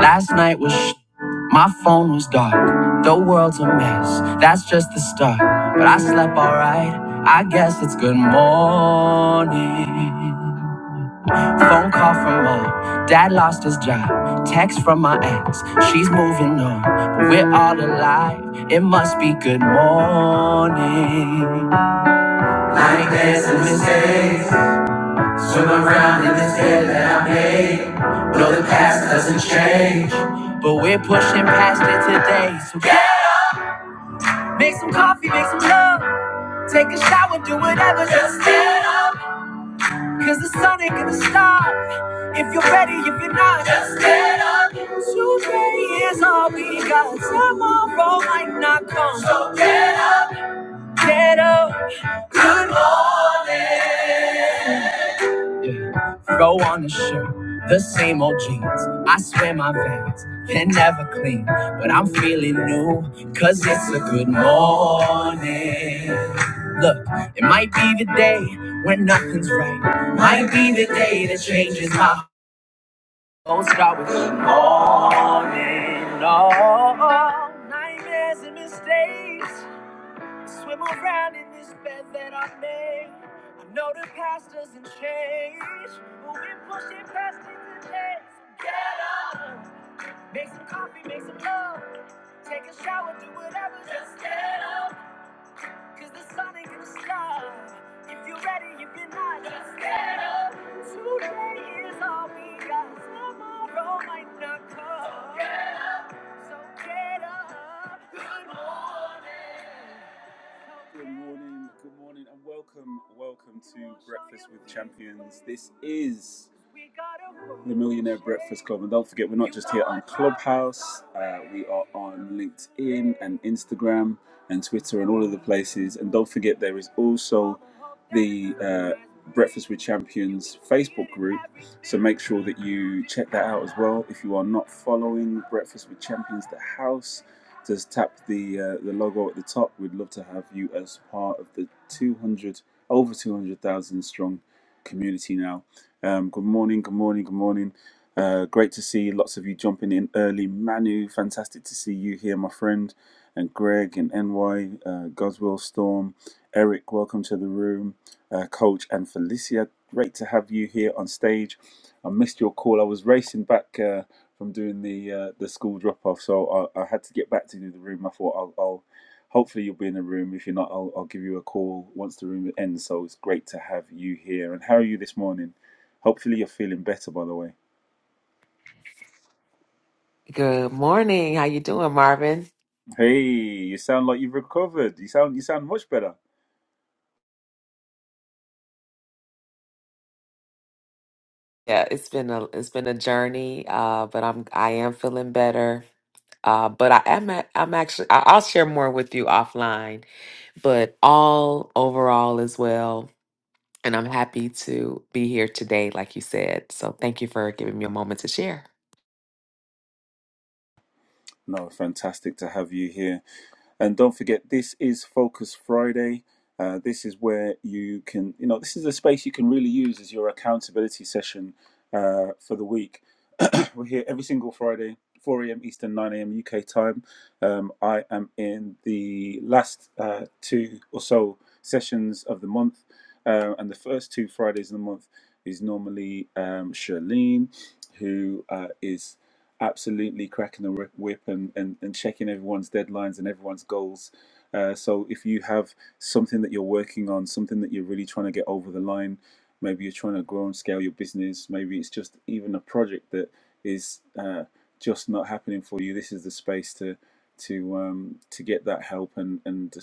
Last night was sh- my phone was dark. The world's a mess. That's just the start. But I slept alright. I guess it's good morning. Phone call from mom. Dad lost his job. Text from my ex. She's moving on. But we're all alive. It must be good morning. Nightmares and mistakes. Swim around in this bed that I'm no, the past doesn't change, but we're pushing past it today. So yeah. make some coffee, make some love, take a shower, do whatever. Just get up, cause the sun ain't gonna stop. If you're ready, if you're not, just get up. Today is all we got. Tomorrow might not come. So get, get up. Good morning. Throw on a shirt, the same old jeans. I swear my veins can never clean, but I'm feeling new, cause it's a good morning. Look, it might be the day when nothing's right, might be the day that changes my whole start with good morning. Oh, nightmares and mistakes. Swim around in this bed that I made. I know the past doesn't change, but we're pushing past it today. So get up, make some coffee, make some love, take a shower, do whatever. Just get up, cause the sun ain't gonna stop. If you're ready, if you're not, just get up. Today is all we got. Tomorrow might not come. So get up. Good morning. Good morning, good morning, and welcome, welcome to Breakfast with Champions. This is the Millionaire Breakfast Club, and don't forget, we're not just here on Clubhouse, uh, we are on LinkedIn and Instagram and Twitter and all of the places. And don't forget, there is also the uh, Breakfast with Champions Facebook group, so make sure that you check that out as well. If you are not following Breakfast with Champions, the house, just tap the uh, the logo at the top. We'd love to have you as part of the 200 over 200,000 strong community now. Um, good morning, good morning, good morning. Uh, great to see lots of you jumping in early. Manu, fantastic to see you here, my friend. And Greg and NY, uh, Goswell Storm, Eric, welcome to the room. Uh, Coach and Felicia, great to have you here on stage. I missed your call. I was racing back uh, from doing the uh, the school drop off, so I, I had to get back to do the room. I thought I'll, I'll hopefully you'll be in the room. If you're not, I'll, I'll give you a call once the room ends. So it's great to have you here. And how are you this morning? Hopefully you're feeling better. By the way, Good morning. How you doing, Marvin? hey, you sound like you've recovered. You sound you sound much better. Yeah, it's been a it's been a journey, uh, but I'm I am feeling better. Uh, but I am a- I'm actually I- I'll share more with you offline. But all overall as well, and I'm happy to be here today, like you said. So thank you for giving me a moment to share. No, fantastic to have you here. And don't forget, this is Focus Friday. Uh, this is where you can, you know, this is a space you can really use as your accountability session uh, for the week. We're here every single Friday, 4 a.m. Eastern, 9 a.m. UK time. Um, I am in the last uh, two or so sessions of the month, uh, and the first two Fridays of the month is normally um, Charlene, who uh, is absolutely cracking the whip whip and, and, and checking everyone's deadlines and everyone's goals. Uh, so if you have something that you're working on, something that you're really trying to get over the line, maybe you're trying to grow and scale your business, maybe it's just even a project that is uh, just not happening for you, this is the space to to um, to get that help and and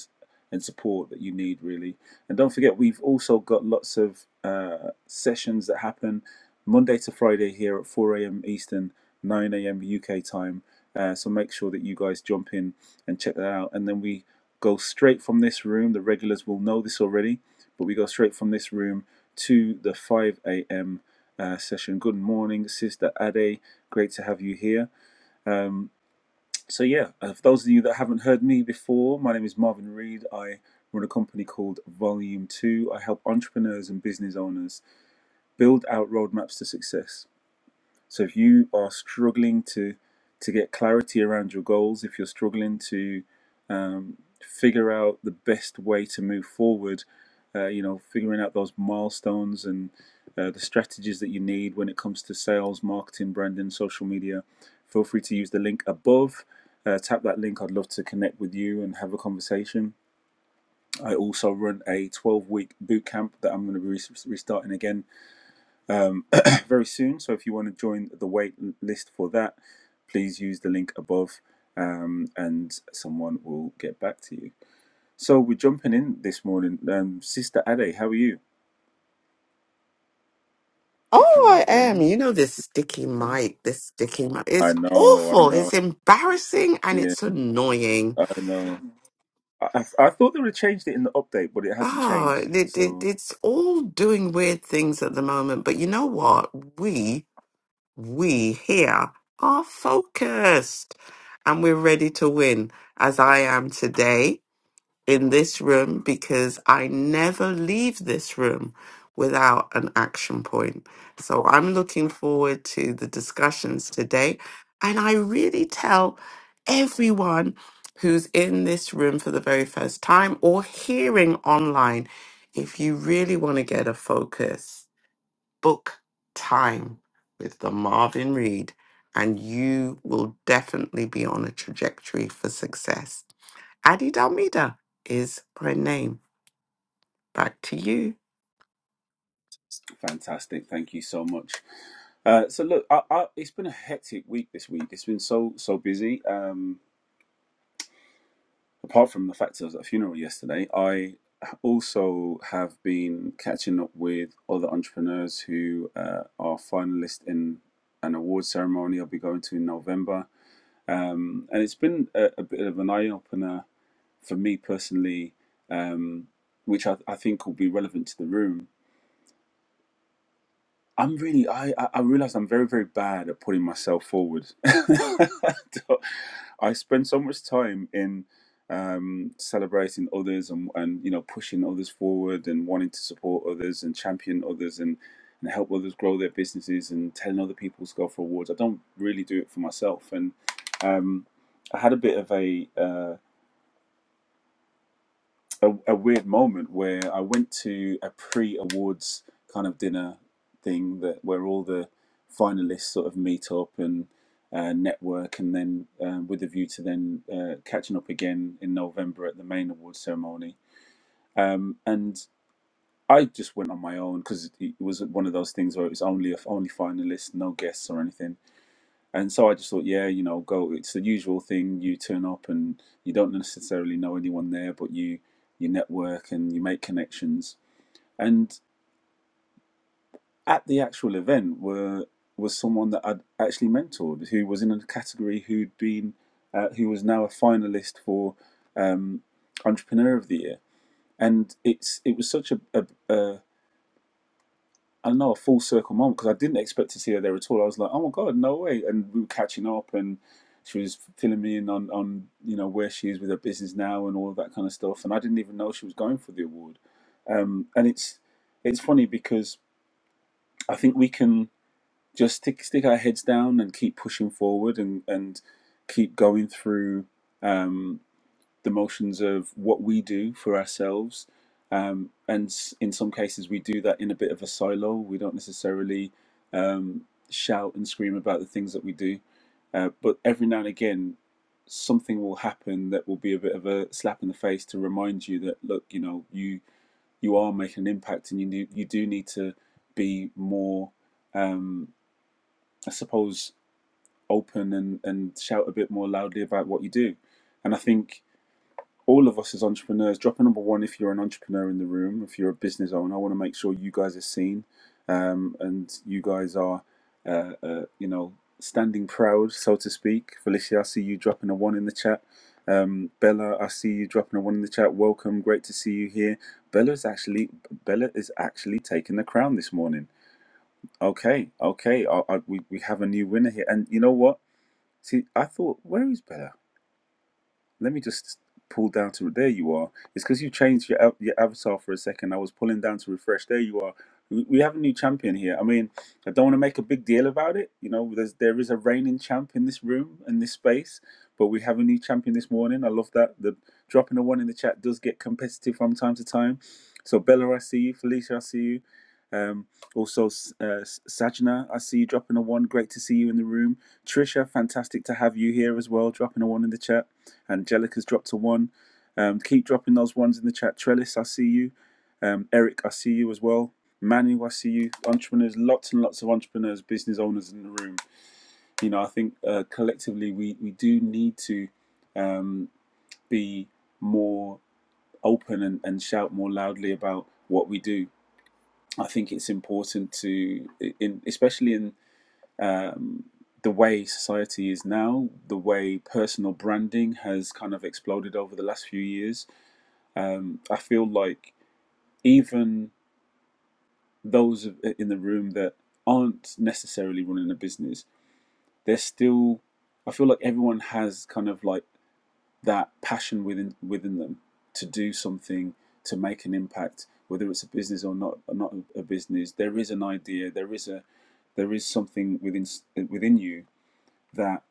and support that you need really. And don't forget, we've also got lots of uh, sessions that happen Monday to Friday here at 4 a.m. Eastern, 9 a.m. UK time. Uh, so make sure that you guys jump in and check that out. And then we go straight from this room. The regulars will know this already, but we go straight from this room to the 5 a.m uh, session. Good morning, Sister Ade. Great to have you here. Um, so, yeah, uh, for those of you that haven't heard me before, my name is Marvin Reed. I run a company called Volume 2. I help entrepreneurs and business owners build out roadmaps to success so if you are struggling to to get clarity around your goals, if you're struggling to um, figure out the best way to move forward, uh, you know, figuring out those milestones and uh, the strategies that you need when it comes to sales, marketing, branding, social media, feel free to use the link above. Uh, tap that link. I'd love to connect with you and have a conversation. I also run a 12 week bootcamp that I'm going to be restarting again um, very soon. So if you want to join the wait list for that, please use the link above um, and someone will get back to you. So we're jumping in this morning. Um, Sister Ade, how are you? If you Oh, are I am. there. You know this sticky mic, this sticky mic. I It's know, I awful. know. It's embarrassing and Yeah, it's annoying. I know. I, I I thought they would have changed it in the update, but it hasn't changed. Oh, it, So it, it's all doing weird things at the moment. But you know what? We, we here are focused and we're ready to win as I am today. in this room because I never leave this room without an action point. So I'm looking forward to the discussions today. And I really tell everyone who's in this room for the very first time or hearing online if you really want to get a focus book time with the Marvin Reed, and you will definitely be on a trajectory for success. Adi Dalmida is my name. Back to you. fantastic! Thank you so much. Uh, so look, I, I, it's been a hectic week this week. It's been so so busy. Um, apart from the fact I was at a funeral yesterday, I also have been catching up with other entrepreneurs who uh, are finalists in an award ceremony I'll be going to in November. Um, and it's been a, a bit of an eye opener for me personally, um, which I, I think will be relevant to the room I'm really I I I realize I'm very very bad at putting myself forward. I spend so much time in um, celebrating others and and you know pushing others forward and wanting to support others and champion others and and help others grow their businesses and telling other people to go for awards. I don't really do it for myself and um, I had a bit of a uh, a, a weird moment where I went to a pre-awards kind of dinner thing that where all the finalists sort of meet up and uh, network, and then um, with a view to then uh, catching up again in November at the main awards ceremony. Um, and I just went on my own because it was one of those things where it was only only finalists, no guests or anything and so I just thought, yeah, you know, go. It's the usual thing. You turn up and you don't necessarily know anyone there, but you you network and you make connections. And at the actual event, were was someone that I'd actually mentored, who was in a category who'd been, uh, who was now a finalist for um, Entrepreneur of the Year. And it's it was such a, a, a I don't know a full circle moment because I didn't expect to see her there at all. I was like, oh my god, no way! And we were catching up, and she was filling me in on on you know where she is with her business now and all of that kind of stuff. And I didn't even know she was going for the award. Um, and it's it's funny because I think we can just stick stick our heads down and keep pushing forward and and keep going through. Um, the motions of what we do for ourselves. Um, and s- in some cases, we do that in a bit of a silo. We don't necessarily um, shout and scream about the things that we do. Uh, but every now and again, something will happen that will be a bit of a slap in the face to remind you that, look, you know, you you are making an impact and you, do- you do need to be more, um, I suppose, open and, and shout a bit more loudly about what you do. And I think all of us as entrepreneurs, drop number one if you're an entrepreneur in the room, if you're a business owner, I want to make sure you guys are seen um, and you guys are, uh, uh, you know, standing proud, so to speak. Felicia, I see you dropping a one in the chat. Um, Bella, I see you dropping a one in the chat. Welcome, great to see you here. Bella's actually Bella is actually taking the crown this morning. Okay, okay, I, I, we we have a new winner here, and you know what? See, I thought, where is Bella? Let me just pull down to there. You are. It's because you changed your av- your avatar for a second. I was pulling down to refresh. There you are. We we have a new champion here. I mean, I don't want to make a big deal about it. You know, there's, there is a reigning champ in this room and this space, but we have a new champion this morning. I love that. The dropping a one in the chat does get competitive from time to time. So Bella, I see you. Felicia, I see you. Um, also, S- uh, S- Sajna, I see you dropping a one. Great to see you in the room. Trisha, fantastic to have you here as well. Dropping a one in the chat. Angelica's dropped a one. Um, keep dropping those ones in the chat. Trellis, I see you. Um, Eric, I see you as well. Manu, I see you. Entrepreneurs, lots and lots of entrepreneurs, business owners in the room. You know, I think uh, collectively we, we do need to um, be more open and, and shout more loudly about what we do. I think it's important to, in, especially in um, the way society is now, the way personal branding has kind of exploded over the last few years um, I feel like even those in the room that aren't necessarily running a business, they're still. I feel like everyone has kind of like that passion within within them to do something to make an impact, whether it's a business or not or not a business. There is an idea. There is a there is something within within you that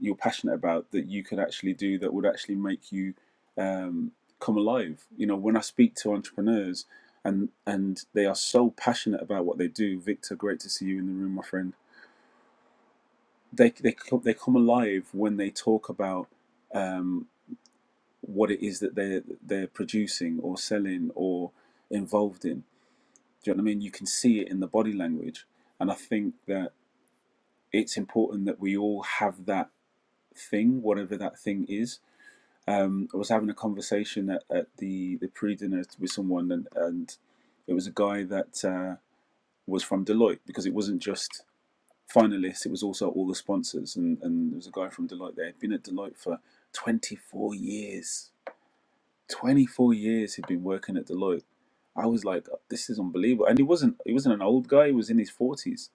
you're passionate about that you could actually do that would actually make you um, come alive. You know, when I speak to entrepreneurs and and they are so passionate about what they do, Victor, great to see you in the room, my friend. They they co- they come alive when they talk about um, what it is that they are they're producing or selling or involved in. Do you know what I mean? You can see it in the body language, and I think that it's important that we all have that thing, whatever that thing is um, I was having a conversation at, at the the pre dinner with someone, and, and it was a guy that uh, was from Deloitte because it wasn't just finalists; it was also all the sponsors. And, and there was a guy from Deloitte there. He'd been at Deloitte for twenty four years. Twenty four years he'd been working at Deloitte. I was like, "Oh, this is unbelievable. And he wasn't he wasn't an old guy. He was in his forties.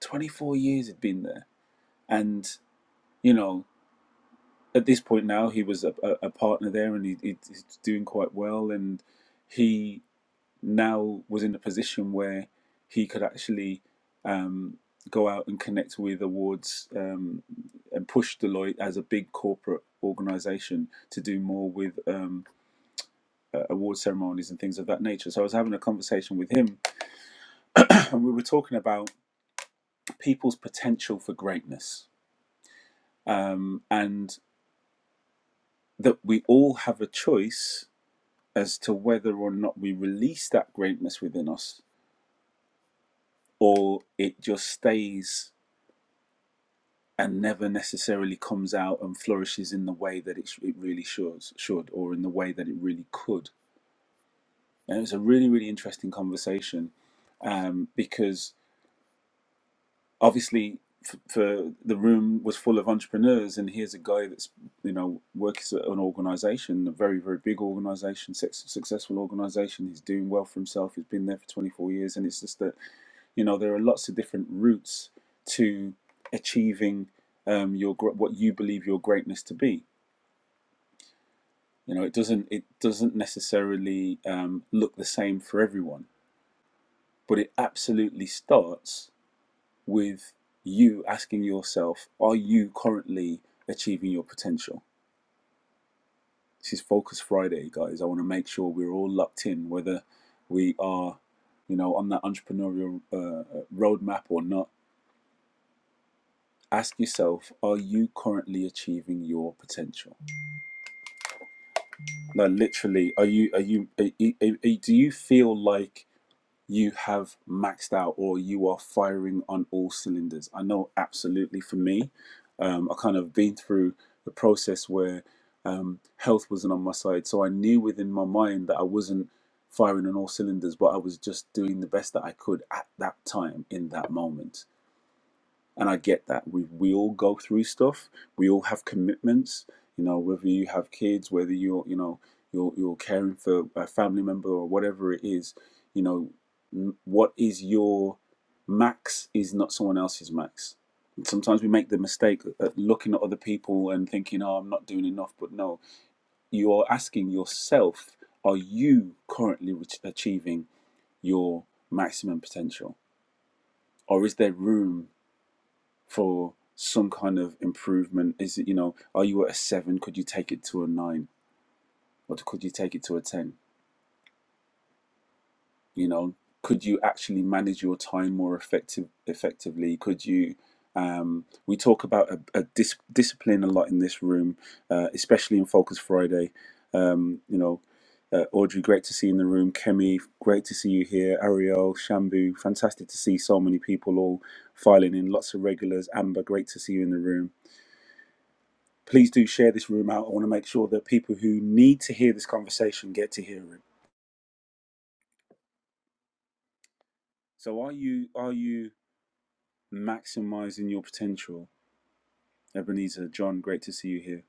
Twenty four years he'd been there, and you know at this point now he was a, a, partner there and he, he's doing quite well and he now was in a position where he could actually um, go out and connect with awards um, and push Deloitte as a big corporate organization to do more with um, uh, award ceremonies and things of that nature. So I was having a conversation with him and we were talking about people's potential for greatness um, and that we all have a choice as to whether or not we release that greatness within us or it just stays and never necessarily comes out and flourishes in the way that it, it really should, should or in the way that it really could. And it's a really, really interesting conversation um, because obviously f- for the room was full of entrepreneurs and here's a guy that's you know works at an organization a very very big organization successful organization he's doing well for himself he's been there for 24 years and it's just that you know there are lots of different routes to achieving um, your gr- what you believe your greatness to be you know it doesn't it doesn't necessarily um, look the same for everyone but it absolutely starts with you asking yourself, are you currently achieving your potential? This is Focus Friday, guys. I want to make sure we're all locked in, whether we are, you know, on that entrepreneurial uh, uh, roadmap or not. Ask yourself, are you currently achieving your potential? Like literally, are you, are you, are, are- do you feel like you have maxed out or you are firing on all cylinders. I know absolutely for me, um, I kind of been through the process where um, health wasn't on my side. So I knew within my mind that I wasn't firing on all cylinders, but I was just doing the best that I could at that time in that moment and I get that. We we all go through stuff. We all have commitments. You know, whether you have kids, whether you're you know you're you're caring for a family member or whatever it is. You know, what is your max is not someone else's max. And sometimes we make the mistake at looking at other people and thinking, "Oh, I'm not doing enough." But no, you are asking yourself, "Are you currently re- achieving your maximum potential, or is there room?" for some kind of improvement? Is it, you know, are you at a seven? Could you take it to a nine? Or could you take it to a 10? You know, could you actually manage your time more effective, effectively? Could you, um, we talk about a, a dis- discipline a lot in this room, uh, especially in Focus Friday. Um, you know, uh, Audrey, great to see you in the room. Kemi, great to see you here. Ariel, Shambu, fantastic to see so many people all filing in. Lots of regulars. Amber, great to see you in the room. please do share this room out. I want to make sure that people who need to hear this conversation get to hear it. So are you are you maximizing your potential? Ebenezer, John, great to see you here.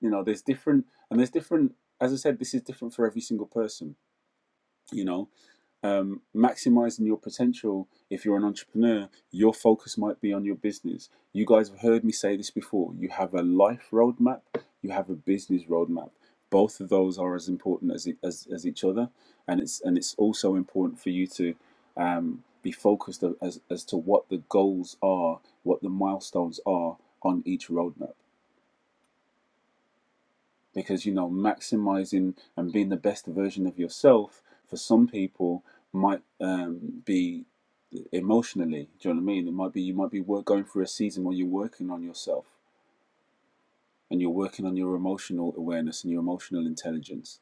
You know, there's different and there's different as I said, this is different for every single person, you know. um, maximizing your potential if you're an entrepreneur your focus might be on your business you guys have heard me say this before you have a life roadmap you have a business roadmap both of those are as important as, e- as, as each other and it's and it's also important for you to um, be focused as, as to what the goals are what the milestones are on each roadmap because you know maximizing and being the best version of yourself for some people might um, be emotionally do you know what i mean it might be you might be work, going through a season where you're working on yourself and you're working on your emotional awareness and your emotional intelligence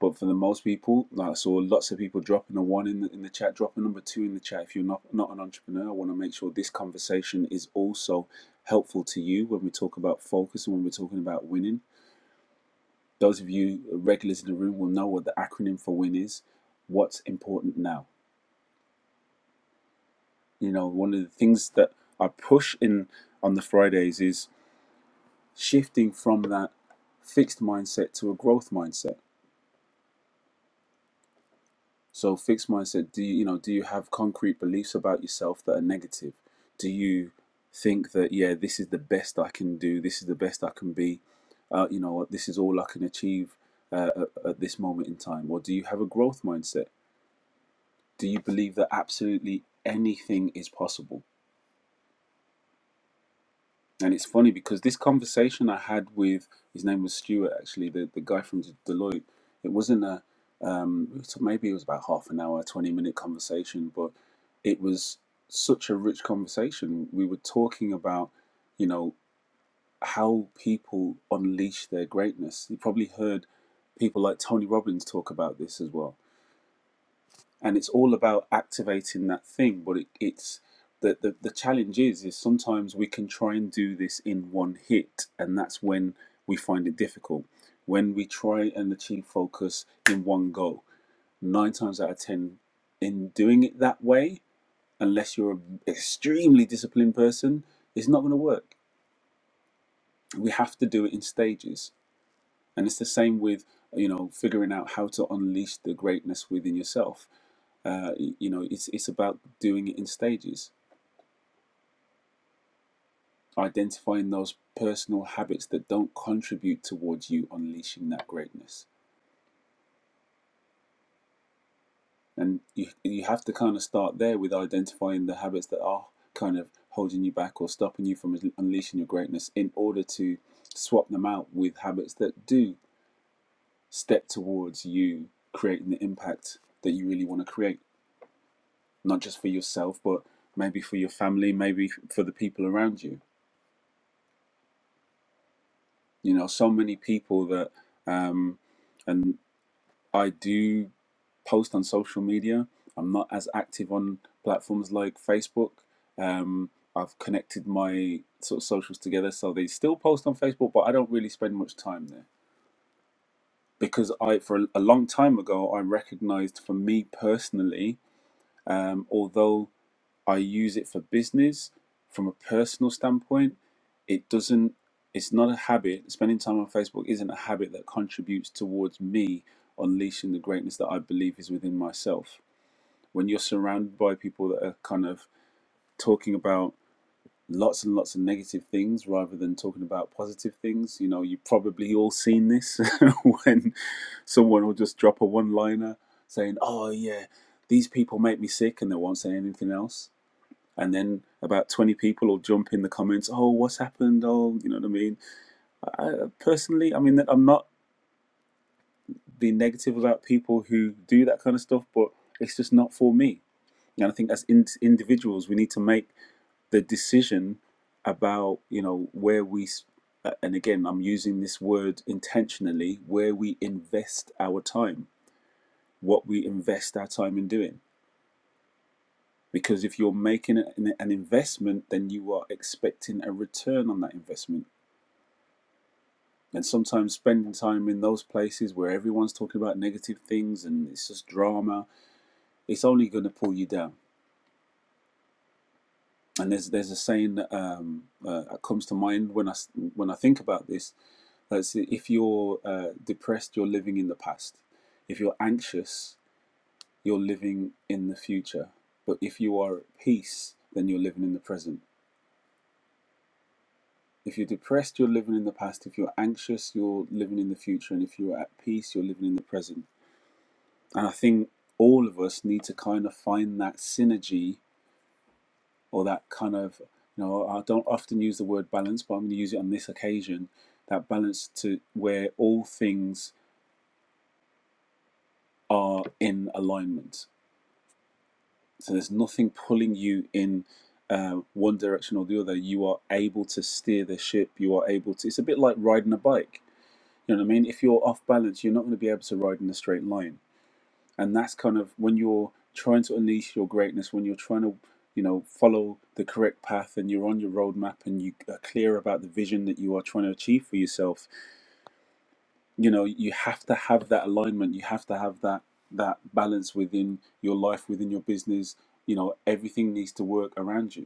but for the most people like i saw lots of people dropping a one in the, in the chat dropping number two in the chat if you're not not an entrepreneur i want to make sure this conversation is also helpful to you when we talk about focus and when we're talking about winning Those of you regulars in the room will know what the acronym for WIN is. What's important now? You know, one of the things that I push in on the Fridays is shifting from that fixed mindset to a growth mindset. So fixed mindset, do you, you know, do you have concrete beliefs about yourself that are negative? Do you think that yeah, this is the best I can do, this is the best I can be, uh, you know, this is all I can achieve uh, at, at this moment in time? Or do you have a growth mindset? do you believe that absolutely anything is possible? And it's funny because this conversation I had with his name was Stuart actually, the, the guy from Deloitte. It wasn't a um, it maybe it was about half an hour, twenty minute conversation, but it was such a rich conversation. We were talking about you know how people unleash their greatness. You probably heard people like Tony Robbins talk about this as well and it's all about activating that thing but it, it's the, the the challenge is is sometimes we can try and do this in one hit and that's when we find it difficult when we try and achieve focus in one go nine times out of ten in doing it that way unless you're an extremely disciplined person it's not going to work we have to do it in stages and it's the same with you know figuring out how to unleash the greatness within yourself uh, you know, it's it's about doing it in stages, identifying those personal habits that don't contribute towards you unleashing that greatness, and you you have to kind of start there with identifying the habits that are kind of holding you back or stopping you from unleashing your greatness, in order to swap them out with habits that do step towards you creating the impact that you really want to create, not just for yourself, but maybe for your family, maybe for the people around you you know so many people that um and i do post on social media i'm not as active on platforms like facebook um i've connected my sort of socials together so they still post on facebook but i don't really spend much time there because i for a long time ago i recognized for me personally um although I use it for business from a personal standpoint. It doesn't, it's not a habit. Spending time on Facebook isn't a habit that contributes towards me unleashing the greatness that I believe is within myself. When you're surrounded by people that are kind of talking about lots and lots of negative things rather than talking about positive things, you know, you've probably all seen this when someone will just drop a one liner saying, Oh, yeah, these people make me sick, and they won't say anything else and then about 20 people will jump in the comments oh what's happened oh you know what i mean I, personally i mean i'm not being negative about people who do that kind of stuff but it's just not for me and i think as in- individuals we need to make the decision about you know where we uh, and again i'm using this word intentionally where we invest our time what we invest our time in doing because if you're making an investment then you are expecting a return on that investment And sometimes spending time in those places where everyone's talking about negative things and it's just drama, it's only going to pull you down. And there's there's a saying that, um, uh, comes to mind when I when I think about this. That's if you're uh, depressed, you're living in the past. If you're anxious, you're living in the future. But if you are at peace, then you're living in the present. If you're depressed, you're living in the past. If you're anxious, you're living in the future. And if you're at peace, you're living in the present. And I think all of us need to kind of find that synergy or that kind of, you know, I don't often use the word balance, but I'm going to use it on this occasion that balance to where all things are in alignment. So there's nothing pulling you in uh, one direction or the other. You are able to steer the ship. You are able to, it's a bit like riding a bike. You know what I mean? If you're off balance, you're not going to be able to ride in a straight line and that's kind of when you're trying to unleash your greatness when you're trying to you know follow the correct path and you're on your roadmap and you are clear about the vision that you are trying to achieve for yourself you know you have to have that alignment you have to have that that balance within your life within your business you know everything needs to work around you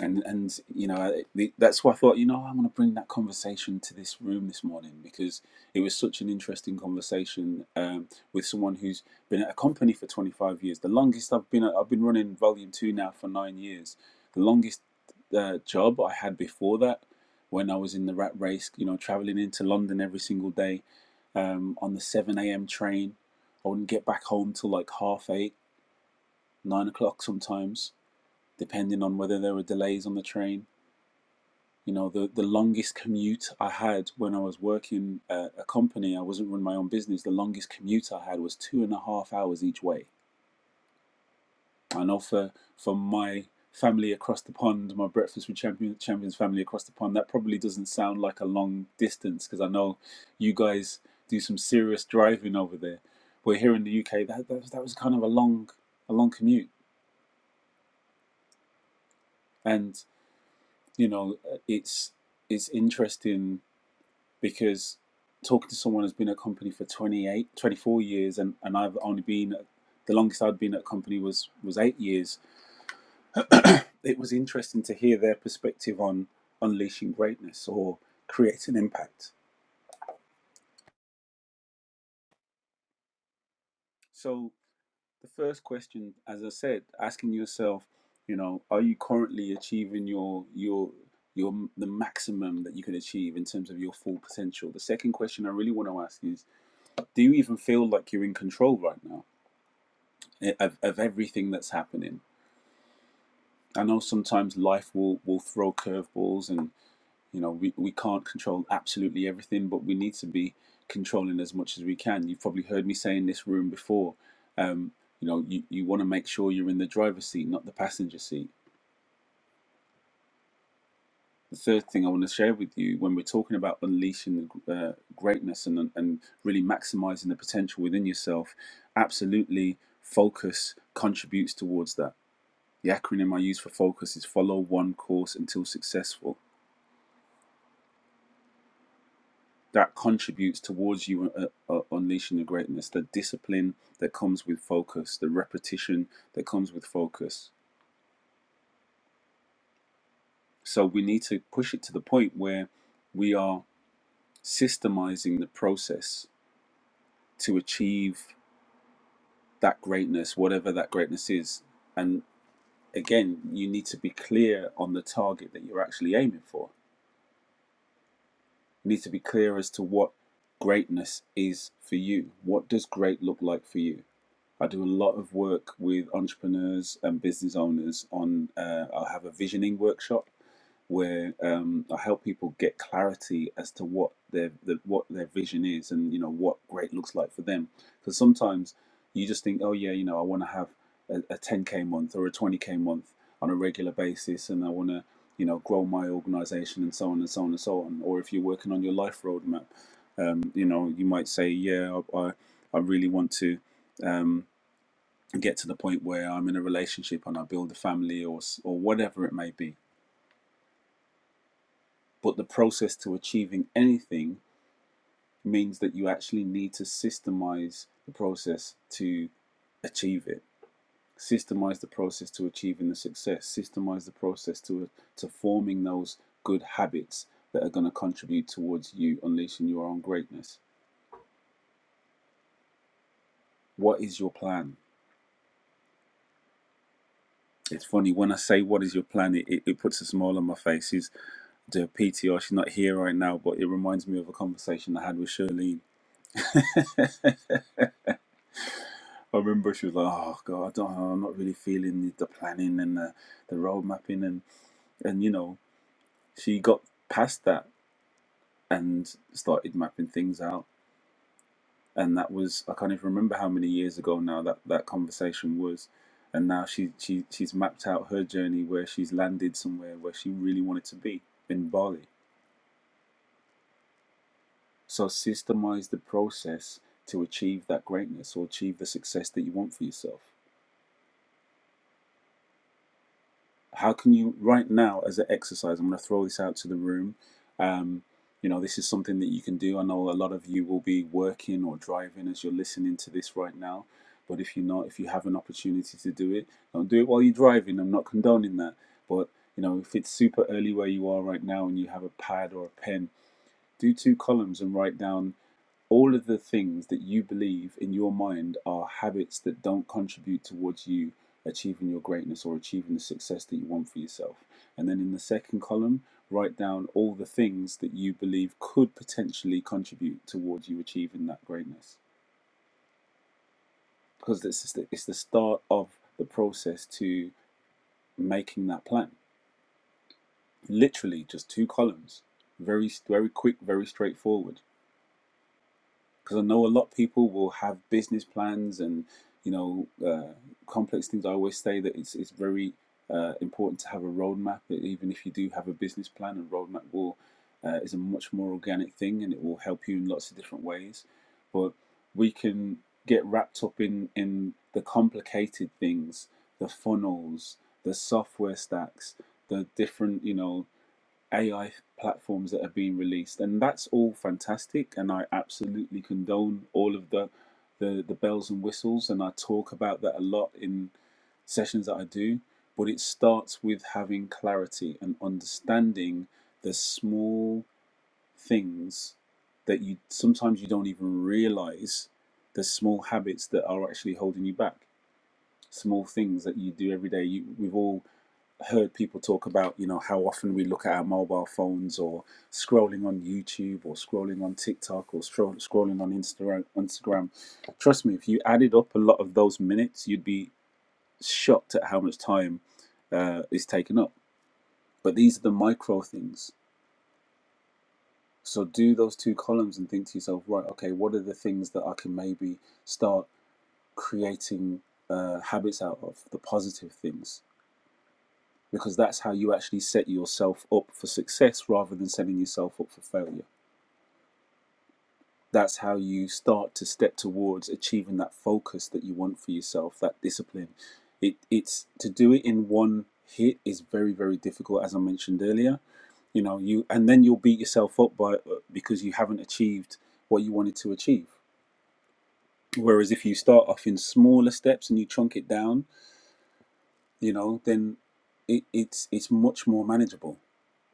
and and you know I, the, that's why I thought you know I am going to bring that conversation to this room this morning because it was such an interesting conversation um, with someone who's been at a company for 25 years the longest I've been at, I've been running volume 2 now for 9 years the longest uh, job I had before that when I was in the rat race you know traveling into London every single day um, on the 7 a.m train I wouldn't get back home till like half 8 9 o'clock sometimes depending on whether there were delays on the train you know, the, the longest commute I had when I was working at a company, I wasn't running my own business. The longest commute I had was two and a half hours each way. I know for, for my family across the pond, my Breakfast with champions Champions family across the pond, that probably doesn't sound like a long distance because I know you guys do some serious driving over there. But here in the UK, that, that, that was kind of a long, a long commute. And, you know, it's, it's interesting because talking to someone who's been at a company for 28, 24 years and, and i've only been the longest i'd been at a company was was eight years it was interesting to hear their perspective on unleashing greatness or creating impact so the first question as i said asking yourself you know are you currently achieving your your your the maximum that you can achieve in terms of your full potential the second question i really want to ask is do you even feel like you're in control right now e, of, of everything that's happening. I know sometimes life will, will throw curveballs and you know we, we can't control absolutely everything, but we need to be controlling as much as we can. You've probably heard me say in this room before, um, you know, you, you want to make sure you're in the driver's seat, not the passenger seat. The third thing I want to share with you when we're talking about unleashing uh, greatness and, and really maximizing the potential within yourself, absolutely focus contributes towards that The acronym I use for focus is follow one course until successful. That contributes towards you uh, uh, unleashing the greatness, the discipline that comes with focus, the repetition that comes with focus. So we need to push it to the point where we are systemizing the process to achieve that greatness, whatever that greatness is. And again, you need to be clear on the target that you're actually aiming for You need to be clear as to what greatness is for you. What does great look like for you? I do a lot of work with entrepreneurs and business owners on, uh, I'll have a visioning workshop where um, I help people get clarity as to what their the, what their vision is and you know what great looks like for them. Because sometimes you just think, oh yeah, you know, I want to have a, a 10k month or a 20k month on a regular basis, and I want to you know grow my organization and so on and so on and so on. Or if you're working on your life roadmap, um, you know, you might say, yeah, I I, I really want to. Um, get to the point where I'm in a relationship and I build a family or or whatever it may be But the process to achieving anything means that you actually need to systemize the process to achieve it. Systemize the process to achieving the success. Systemize the process to to forming those good habits that are going to contribute towards you unleashing your own greatness. What is your plan? It's funny when I say what is your plan, it, it, it puts a smile on my face. Is the PTR? She's not here right now, but it reminds me of a conversation I had with Shirley I remember she was like, "Oh God, I don't, I'm not really feeling the, the planning and the, the road mapping," and and you know, she got past that and started mapping things out, and that was I can't even remember how many years ago now that that conversation was, and now she she she's mapped out her journey where she's landed somewhere where she really wanted to be in Bali. So systemize the process to achieve that greatness or achieve the success that you want for yourself. how can you right now as an exercise i'm going to throw this out to the room um, you know this is something that you can do i know a lot of you will be working or driving as you're listening to this right now but if you're not if you have an opportunity to do it don't do it while you're driving i'm not condoning that but you know if it's super early where you are right now and you have a pad or a pen do two columns and write down all of the things that you believe in your mind are habits that don't contribute towards you achieving your greatness or achieving the success that you want for yourself. And then in the second column, write down all the things that you believe could potentially contribute towards you achieving that greatness. Because it's, the- it's the start of the process to making that plan. Literally, just two columns. Very, very quick, very straightforward. because I know a lot of people will have business plans and you know uh, complex things. I always say that it's it's very uh, important to have a roadmap. Even if you do have a business plan, a roadmap will uh, is a much more organic thing, and it will help you in lots of different ways. But we can get wrapped up in in the complicated things, the funnels, the software stacks, the different you know AI platforms that are being released, and that's all fantastic. And I absolutely condone all of the the, the bells and whistles, and I talk about that a lot in sessions that I do. But it starts with having clarity and understanding the small things that you sometimes you don't even realize the small habits that are actually holding you back. Small things that you do every day. You, we've all heard people talk about, you know, how often we look at our mobile phones or scrolling on YouTube or scrolling on TikTok or scroll, scrolling on Instagram. Instagram. Trust me, if you added up a lot of those minutes, you'd be shocked at how much time uh, is taken up. But these are the micro things. So do those two columns and think to yourself, right, okay, what are the things that I can maybe start creating uh, habits out of, the positive things? because that's how you actually set yourself up for success rather than setting yourself up for failure. That's how you start to step towards achieving that focus that you want for yourself, that discipline. It, it's to do it in one hit is very very difficult, as I mentioned earlier. You know, you and then you'll beat yourself up by uh, because you haven't achieved what you wanted to achieve. Whereas if you start off in smaller steps and you chunk it down, you know, then it, it's it's much more manageable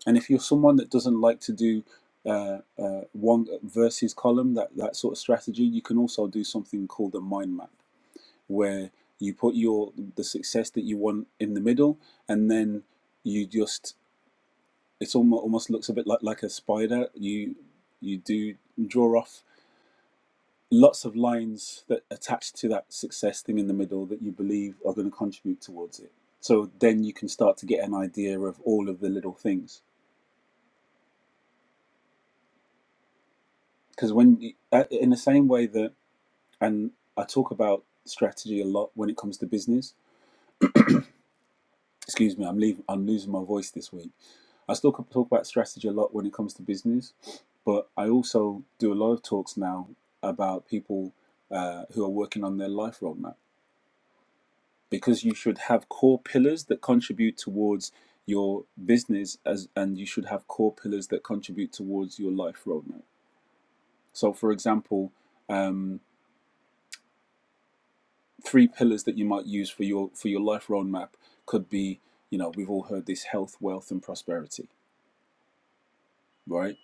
And if you're someone that doesn't like to do uh, uh, one versus column, that, that sort of strategy, you can also do something called a mind map, where you put your the success that you want in the middle, and then you just it's almost almost looks a bit like like a spider. You you do draw off lots of lines that attach to that success thing in the middle that you believe are going to contribute towards it. So then you can start to get an idea of all of the little things because when uh, in the same way that and I talk about strategy a lot when it comes to business. Excuse me, I'm leaving. I'm losing my voice this week. I still talk about strategy a lot when it comes to business, but I also do a lot of talks now about people uh, who are working on their life roadmap because you should have core pillars that contribute towards your business as and you should have core pillars that contribute towards your life roadmap. So, for example, um. three pillars that you might use for your for your life roadmap could be you know we've all heard this health wealth and prosperity right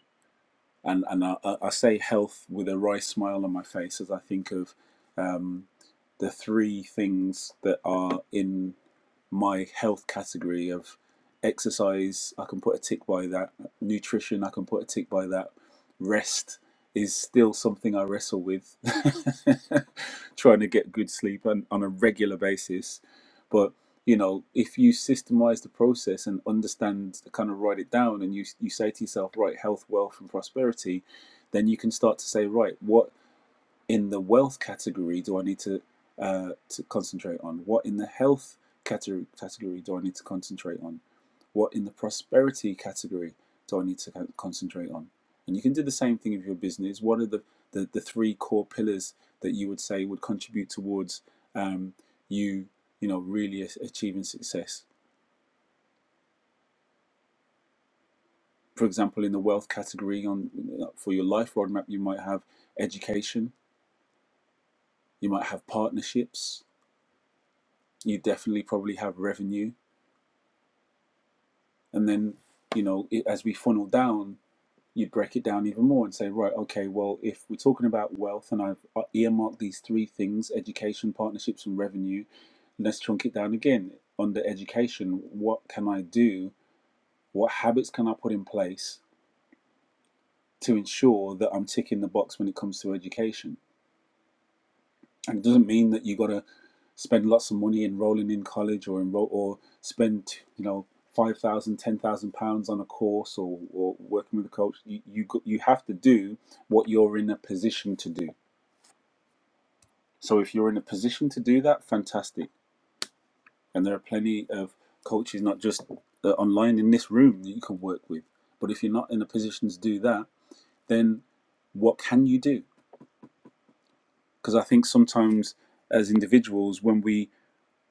and and i, I I say health with a wry smile on my face as i think of um, the three things that are in my health category of exercise i can put a tick by that nutrition i can put a tick by that rest is still something i wrestle with trying to get good sleep on, on a regular basis but you know if you systemize the process and understand kind of write it down and you you say to yourself right health wealth and prosperity then you can start to say right what in the wealth category do I need to uh, to concentrate on? What in the health category category do I need to concentrate on? What in the prosperity category do I need to concentrate on? And you can do the same thing with your business. What are the the, the three core pillars that you would say would contribute towards um, you you know really achieving success? For example, in the wealth category, on for your life roadmap, you might have education, you might have partnerships, you definitely probably have revenue, and then you know it, as we funnel down you break it down even more and say right okay well if we're talking about wealth and i've uh, earmarked these three things education partnerships and revenue let's chunk it down again under education what can i do what habits can i put in place to ensure that i'm ticking the box when it comes to education and it doesn't mean that you got to spend lots of money enrolling in college or enroll or spend you know five thousand ten thousand pounds on a course or, or working with a coach you you, go- you have to do what you're in a position to do so if you're in a position to do that fantastic and there are plenty of coaches not just uh, online in this room that you can work with but if you're not in a position to do that then what can you do because i think sometimes as individuals when we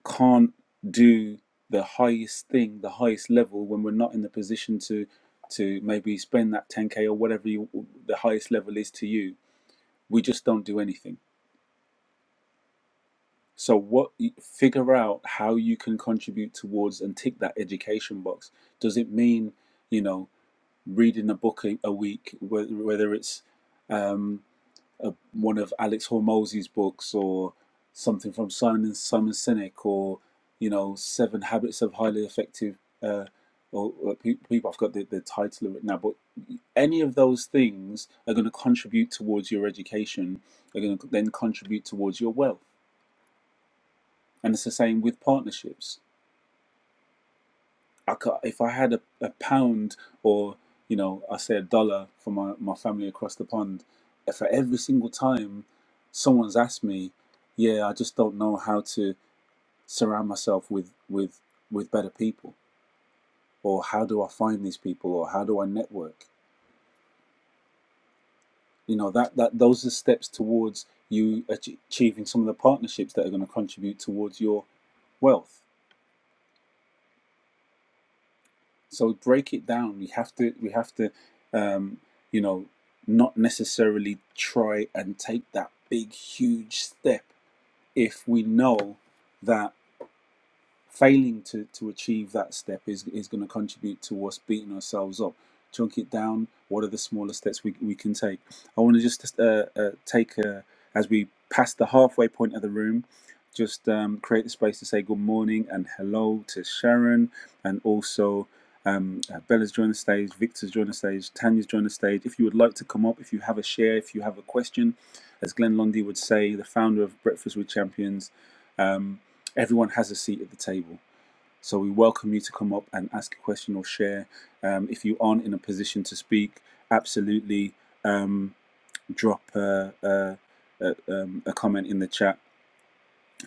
can't do the highest thing, the highest level when we're not in the position to to maybe spend that 10k or whatever you, the highest level is to you. We just don't do anything. So what figure out how you can contribute towards and tick that education box. Does it mean, you know, reading a book a a week, whe- whether it's um, a, one of Alex Hormozzi's books or something from Simon Simon Sinek or you know Seven Habits of Highly Effective uh, or, or people. I've got the, the title of it now, but any of those things are going to contribute towards your education. Are going to then contribute towards your wealth, and it's the same with partnerships I could, if I had a, a pound or you know I say a dollar for my, my family across the pond, for every single time someone's asked me, yeah, I just don't know how to surround myself with with with better people, or how do I find these people, or how do I network? You know that that those are steps towards you ach- achieving some of the partnerships that are going to contribute towards your wealth. So break it down. We have to we have to um, you know not necessarily try and take that big huge step if we know that failing to, to achieve that step is, is going to contribute to us beating ourselves up. Chunk it down. What are the smaller steps we, we can take? I want to just uh, uh, take, a, as we pass the halfway point of the room, just um, create the space to say good morning and hello to Sharon and also. Um, uh, Bella's joined the stage, Victor's joined the stage, Tanya's joined the stage. If you would like to come up, if you have a share, if you have a question, as Glenn Lundy would say, the founder of Breakfast with Champions, um, Everyone has a seat at the table. So we welcome you to come up and ask a question or share. Um, if you aren't in a position to speak, absolutely um, drop a, a, a, um, a comment in the chat.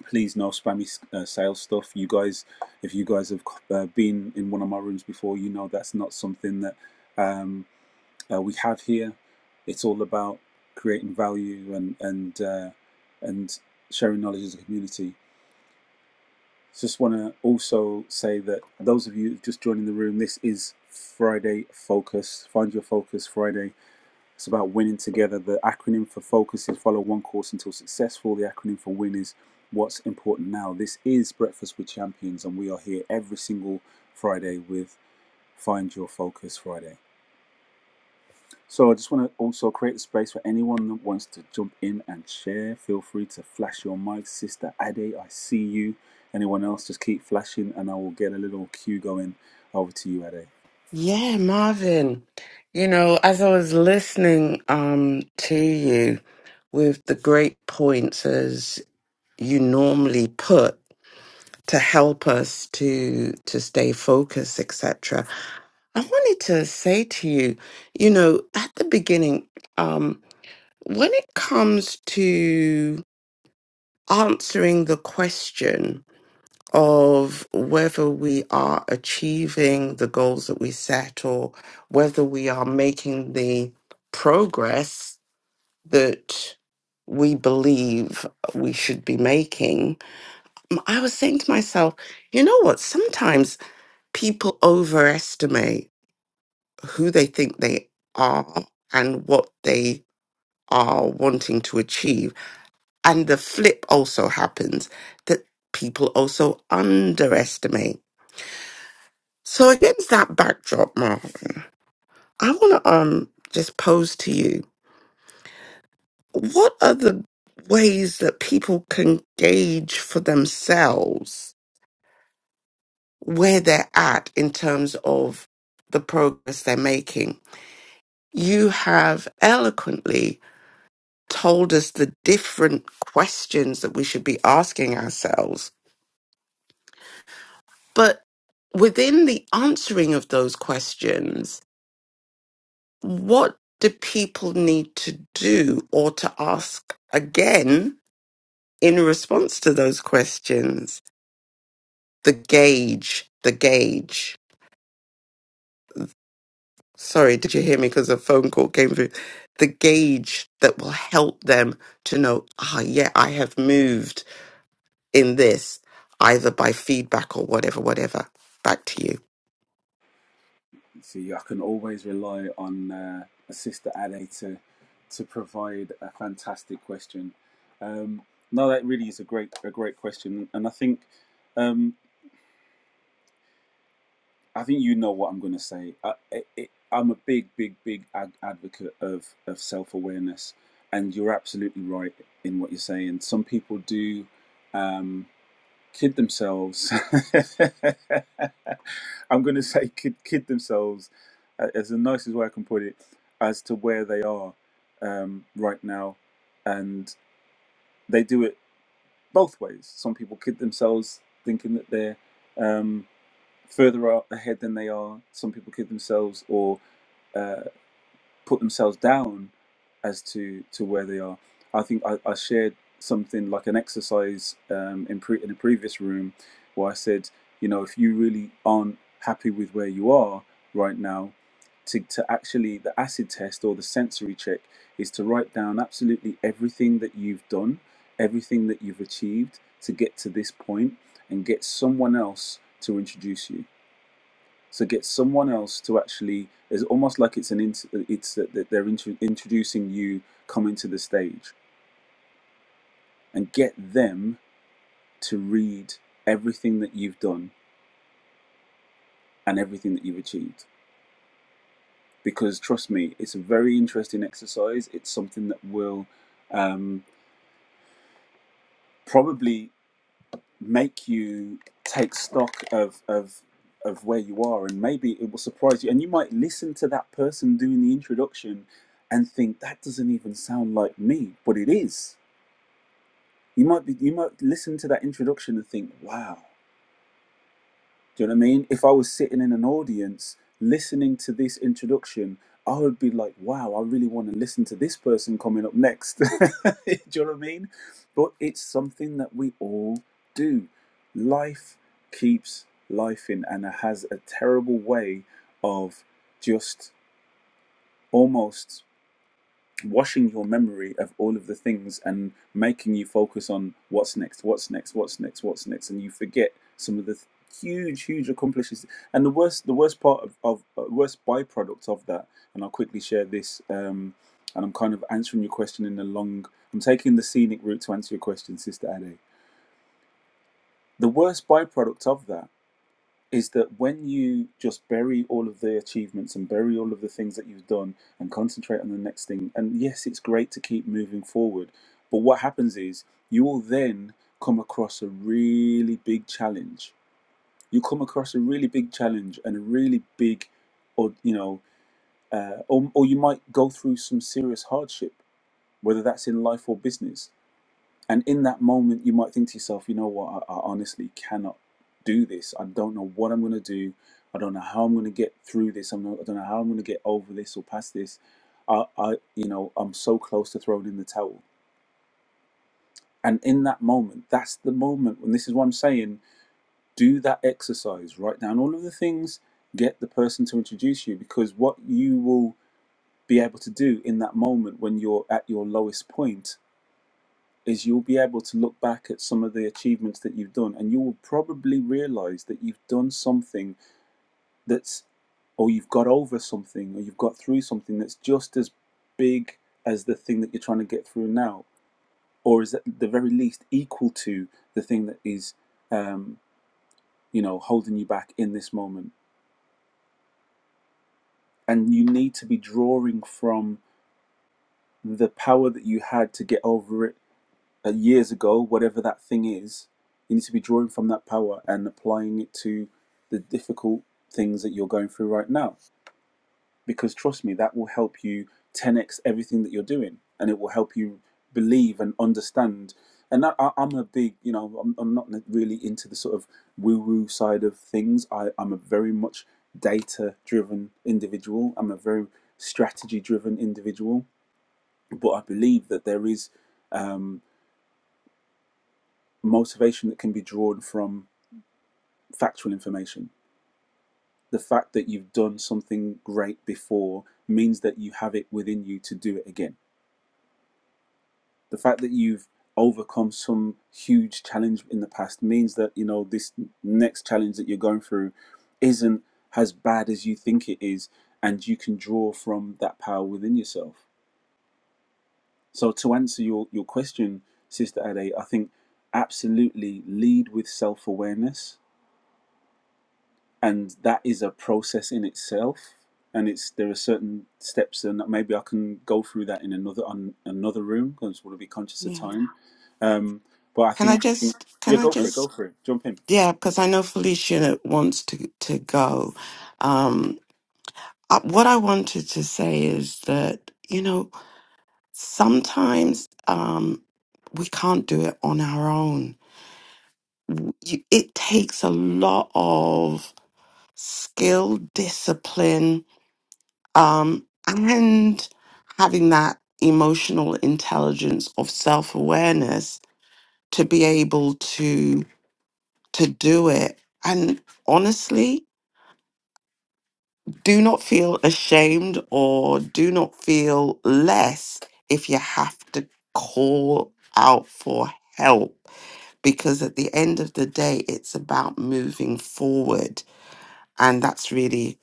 Please, no spammy uh, sales stuff. You guys, if you guys have uh, been in one of my rooms before, you know that's not something that um, uh, we have here. It's all about creating value and and uh, and sharing knowledge as a community. Just want to also say that those of you just joining the room, this is Friday Focus. Find your focus Friday. It's about winning together. The acronym for focus is follow one course until successful. The acronym for win is what's important now. This is Breakfast with Champions, and we are here every single Friday with Find Your Focus Friday. So I just want to also create a space for anyone that wants to jump in and share. Feel free to flash your mic, Sister Ade. I see you. Anyone else, just keep flashing, and I will get a little cue going over to you, Ade. Yeah, Marvin. You know, as I was listening um to you with the great points as you normally put to help us to to stay focused, etc. I wanted to say to you, you know, at the beginning, um, when it comes to answering the question of whether we are achieving the goals that we set or whether we are making the progress that we believe we should be making, I was saying to myself, you know what? Sometimes people overestimate who they think they are and what they are wanting to achieve. And the flip also happens that people also underestimate. So, against that backdrop, Marvin, I want to um, just pose to you what are the ways that people can gauge for themselves where they're at in terms of the progress they're making? You have eloquently told us the different questions that we should be asking ourselves. But within the answering of those questions, what do people need to do or to ask again in response to those questions? The gauge, the gauge. Sorry, did you hear me? Because a phone call came through. The gauge that will help them to know, ah, yeah, I have moved in this, either by feedback or whatever, whatever. Back to you. See, I can always rely on uh, Sister Ade to to provide a fantastic question. Um, no, that really is a great a great question, and I think. Um, I think you know what I'm going to say. I, I, I'm a big, big, big ad- advocate of, of self awareness, and you're absolutely right in what you're saying. Some people do um, kid themselves. I'm going to say kid, kid themselves uh, as the nicest way I can put it as to where they are um, right now, and they do it both ways. Some people kid themselves thinking that they're. Um, further ahead than they are. Some people kid themselves or uh, put themselves down as to to where they are. I think I, I shared something like an exercise um, in pre- in a previous room where I said, you know, if you really aren't happy with where you are right now, to, to actually the acid test or the sensory check is to write down absolutely everything that you've done, everything that you've achieved to get to this point, and get someone else to introduce you so get someone else to actually. It's almost like it's an. int- It's that that they're intro introducing you coming to the stage, and get them to read everything that you've done and everything that you've achieved. Because trust me, it's a very interesting exercise. It's something that will um, probably make you take stock of of of where you are and maybe it will surprise you and you might listen to that person doing the introduction and think that doesn't even sound like me but it is you might be you might listen to that introduction and think wow do you know what I mean? If I was sitting in an audience listening to this introduction, I would be like, wow, I really want to listen to this person coming up next. Do you know what I mean? But it's something that we all do. Life keeps life in and it has a terrible way of just almost washing your memory of all of the things and making you focus on what's next, what's next, what's next, what's next, and you forget some of the th- huge, huge accomplishments. And the worst, the worst part of, of uh, worst byproduct of that, and I'll quickly share this. Um, and I'm kind of answering your question in a long. I'm taking the scenic route to answer your question, Sister Ade. The worst byproduct of that is that when you just bury all of the achievements and bury all of the things that you've done and concentrate on the next thing, and yes, it's great to keep moving forward, but what happens is you will then come across a really big challenge. You come across a really big challenge and a really big, or you know, uh, or, or you might go through some serious hardship, whether that's in life or business. And in that moment, you might think to yourself, you know what, I, I honestly cannot do this. I don't know what I'm going to do. I don't know how I'm going to get through this. I'm not, I don't know how I'm going to get over this or past this. I, I, you know, I'm so close to throwing in the towel. And in that moment, that's the moment when this is what I'm saying. Do that exercise. Write down all of the things. Get the person to introduce you because what you will be able to do in that moment when you're at your lowest point is you'll be able to look back at some of the achievements that you've done and you will probably realize that you've done something that's or you've got over something or you've got through something that's just as big as the thing that you're trying to get through now or is at the very least equal to the thing that is um, you know holding you back in this moment and you need to be drawing from the power that you had to get over it uh, years ago, whatever that thing is, you need to be drawing from that power and applying it to the difficult things that you're going through right now. Because trust me, that will help you 10x everything that you're doing, and it will help you believe and understand. And that, I, I'm a big, you know, I'm, I'm not really into the sort of woo-woo side of things. I, I'm a very much data-driven individual. I'm a very strategy-driven individual, but I believe that there is. Um, motivation that can be drawn from factual information. The fact that you've done something great before means that you have it within you to do it again. The fact that you've overcome some huge challenge in the past means that you know this next challenge that you're going through isn't as bad as you think it is and you can draw from that power within yourself. So to answer your your question sister Ade, I think absolutely lead with self-awareness and that is a process in itself and it's there are certain steps and maybe i can go through that in another on another room because we'll be conscious of Yeah. time um but i Can I think just, yeah can I go for it go just, for it jump in yeah, because I know Felicia wants to, to go. Um, uh, what I wanted to say is that, you know, sometimes um, we can't do it on our own. You, it takes a lot of skill, discipline, um, and having that emotional intelligence of self-awareness to be able to to do it and honestly do not feel ashamed or do not feel less if you have to call out for help because at the end of the day it's about moving forward and that's really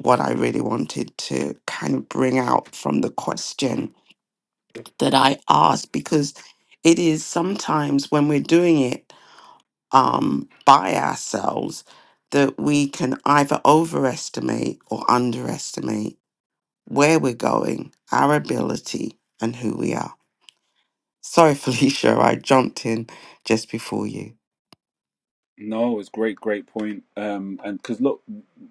what I really wanted to kind of bring out from the question that I ask because it is sometimes when we're doing it um, by ourselves that we can either overestimate or underestimate where we're going, our ability, and who we are. Sorry, Felicia, I jumped in just before you. no it's great great point um and because look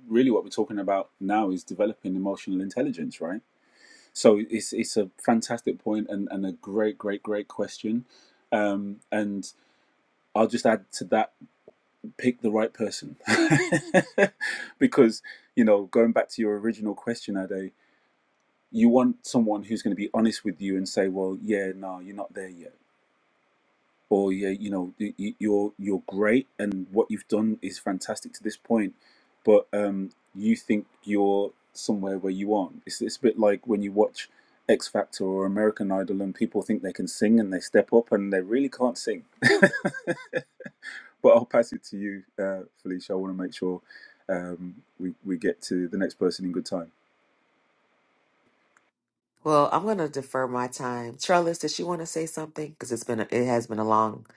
really what we're talking about now is developing emotional intelligence right so it's it's a fantastic point and and a great great great question um and i'll just add to that pick the right person because you know going back to your original question ade you want someone who's going to be honest with you and say well yeah no you're not there yet or yeah, you know, y- y- you're you're great and what you've done is fantastic to this point, but um, you think you're somewhere where you aren't. It's it's a bit like when you watch X Factor or American Idol and people think they can sing and they step up and they really can't sing. but I'll pass it to you, uh, Felicia. I want to make sure um, we we get to the next person in good time. Well, I'm gonna defer my time. Trellis, did she want to say something? Because it's been a, it has been a long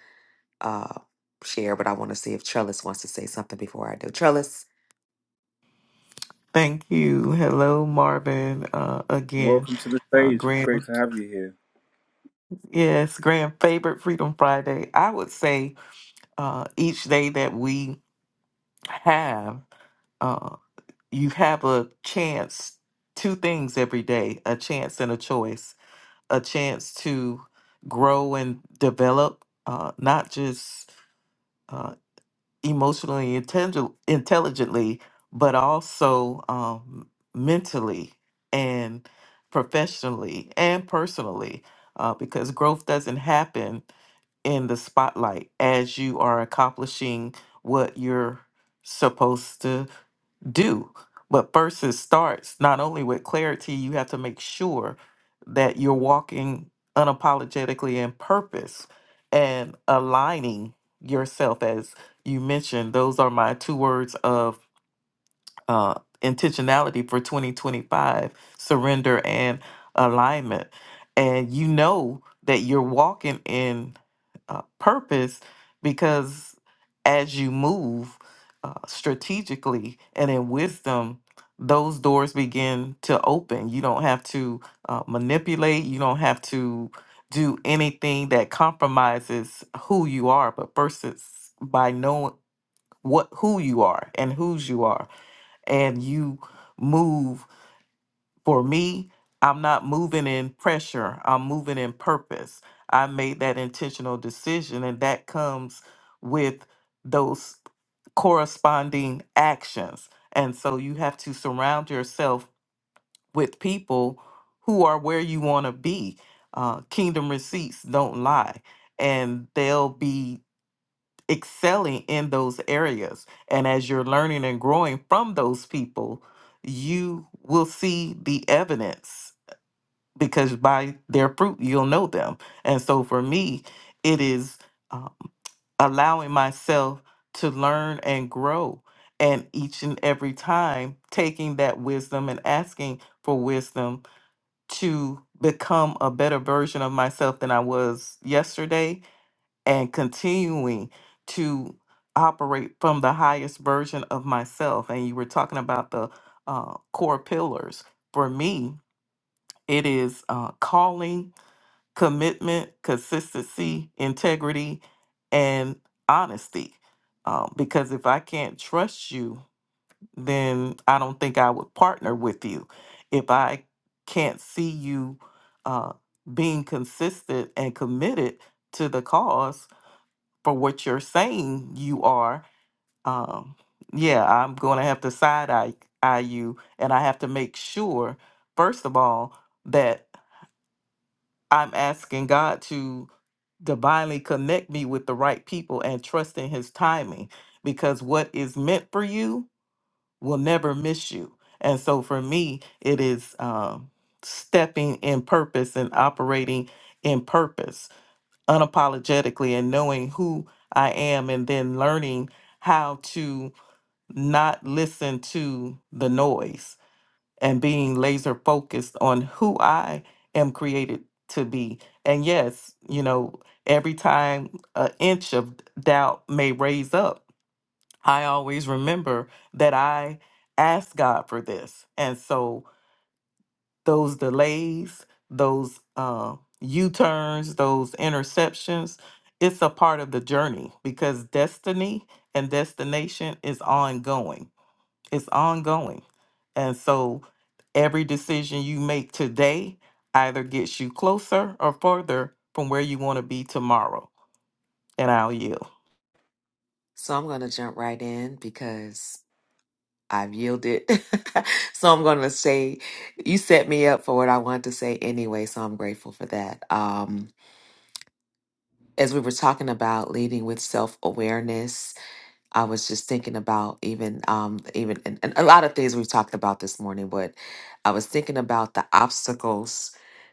uh share, but I want to see if Trellis wants to say something before I do. Trellis. Thank you. Hello, Marvin. Uh, again, Welcome to the uh, stage. Great grand, to have you here, yes, grand favorite Freedom Friday. I would say uh, each day that we have, uh, you have a chance, two things every day a chance and a choice, a chance to grow and develop, uh, not just. uh, emotionally intellig- intelligently, but also um, mentally and professionally and personally, uh, because growth doesn't happen in the spotlight as you are accomplishing what you're supposed to do. But first it starts not only with clarity, you have to make sure that you're walking unapologetically in purpose and aligning yourself as you mentioned. Those are my two words of uh, intentionality for 2025 surrender and alignment and you know that you're walking in uh, purpose because as you move uh, strategically and in wisdom those doors begin to open you don't have to uh, manipulate you don't have to do anything that compromises who you are but first it's by knowing what who you are and whose you are and you move. For me, I'm not moving in pressure, I'm moving in purpose. I made that intentional decision, and that comes with those corresponding actions. And so you have to surround yourself with people who are where you want to be. Uh, kingdom receipts don't lie, and they'll be excelling in those areas. And as you're learning and growing from those people, you will see the evidence because by their fruit, you'll know them. And so for me, it is um, allowing myself to learn and grow. And each and every time, taking that wisdom and asking for wisdom to become a better version of myself than I was yesterday and continuing to operate from the highest version of myself. And you were talking about the uh, core pillars. For me, it is uh, calling, commitment, consistency, integrity, and honesty. Um, because if I can't trust you, then I don't think I would partner with you. If I can't see you uh, being consistent and committed to the cause, for what you're saying you are, um, yeah, I'm going to have to side eye, eye you. And I have to make sure, first of all, that I'm asking God to divinely connect me with the right people and trust in his timing because what is meant for you will never miss you. And so for me, it is um, stepping in purpose and operating in purpose unapologetically and knowing who I am and then learning how to not listen to the noise and being laser focused on who I am created to be. And yes, you know, every time an inch of doubt may raise up, I always remember that I asked God for this. And so those delays, those uh, U turns, those interceptions. It's a part of the journey because destiny and destination is ongoing. It's ongoing. And so every decision you make today either gets you closer or further from where you want to be tomorrow. And I'll yield. So I'm going to jump right in because I've yielded. so I'm going to say, you set me up for what I wanted to say anyway. So I'm grateful for that. Um, as we were talking about leading with self awareness I was just thinking about even um even and, and a lot of things we've talked about this morning, but I was thinking about the obstacles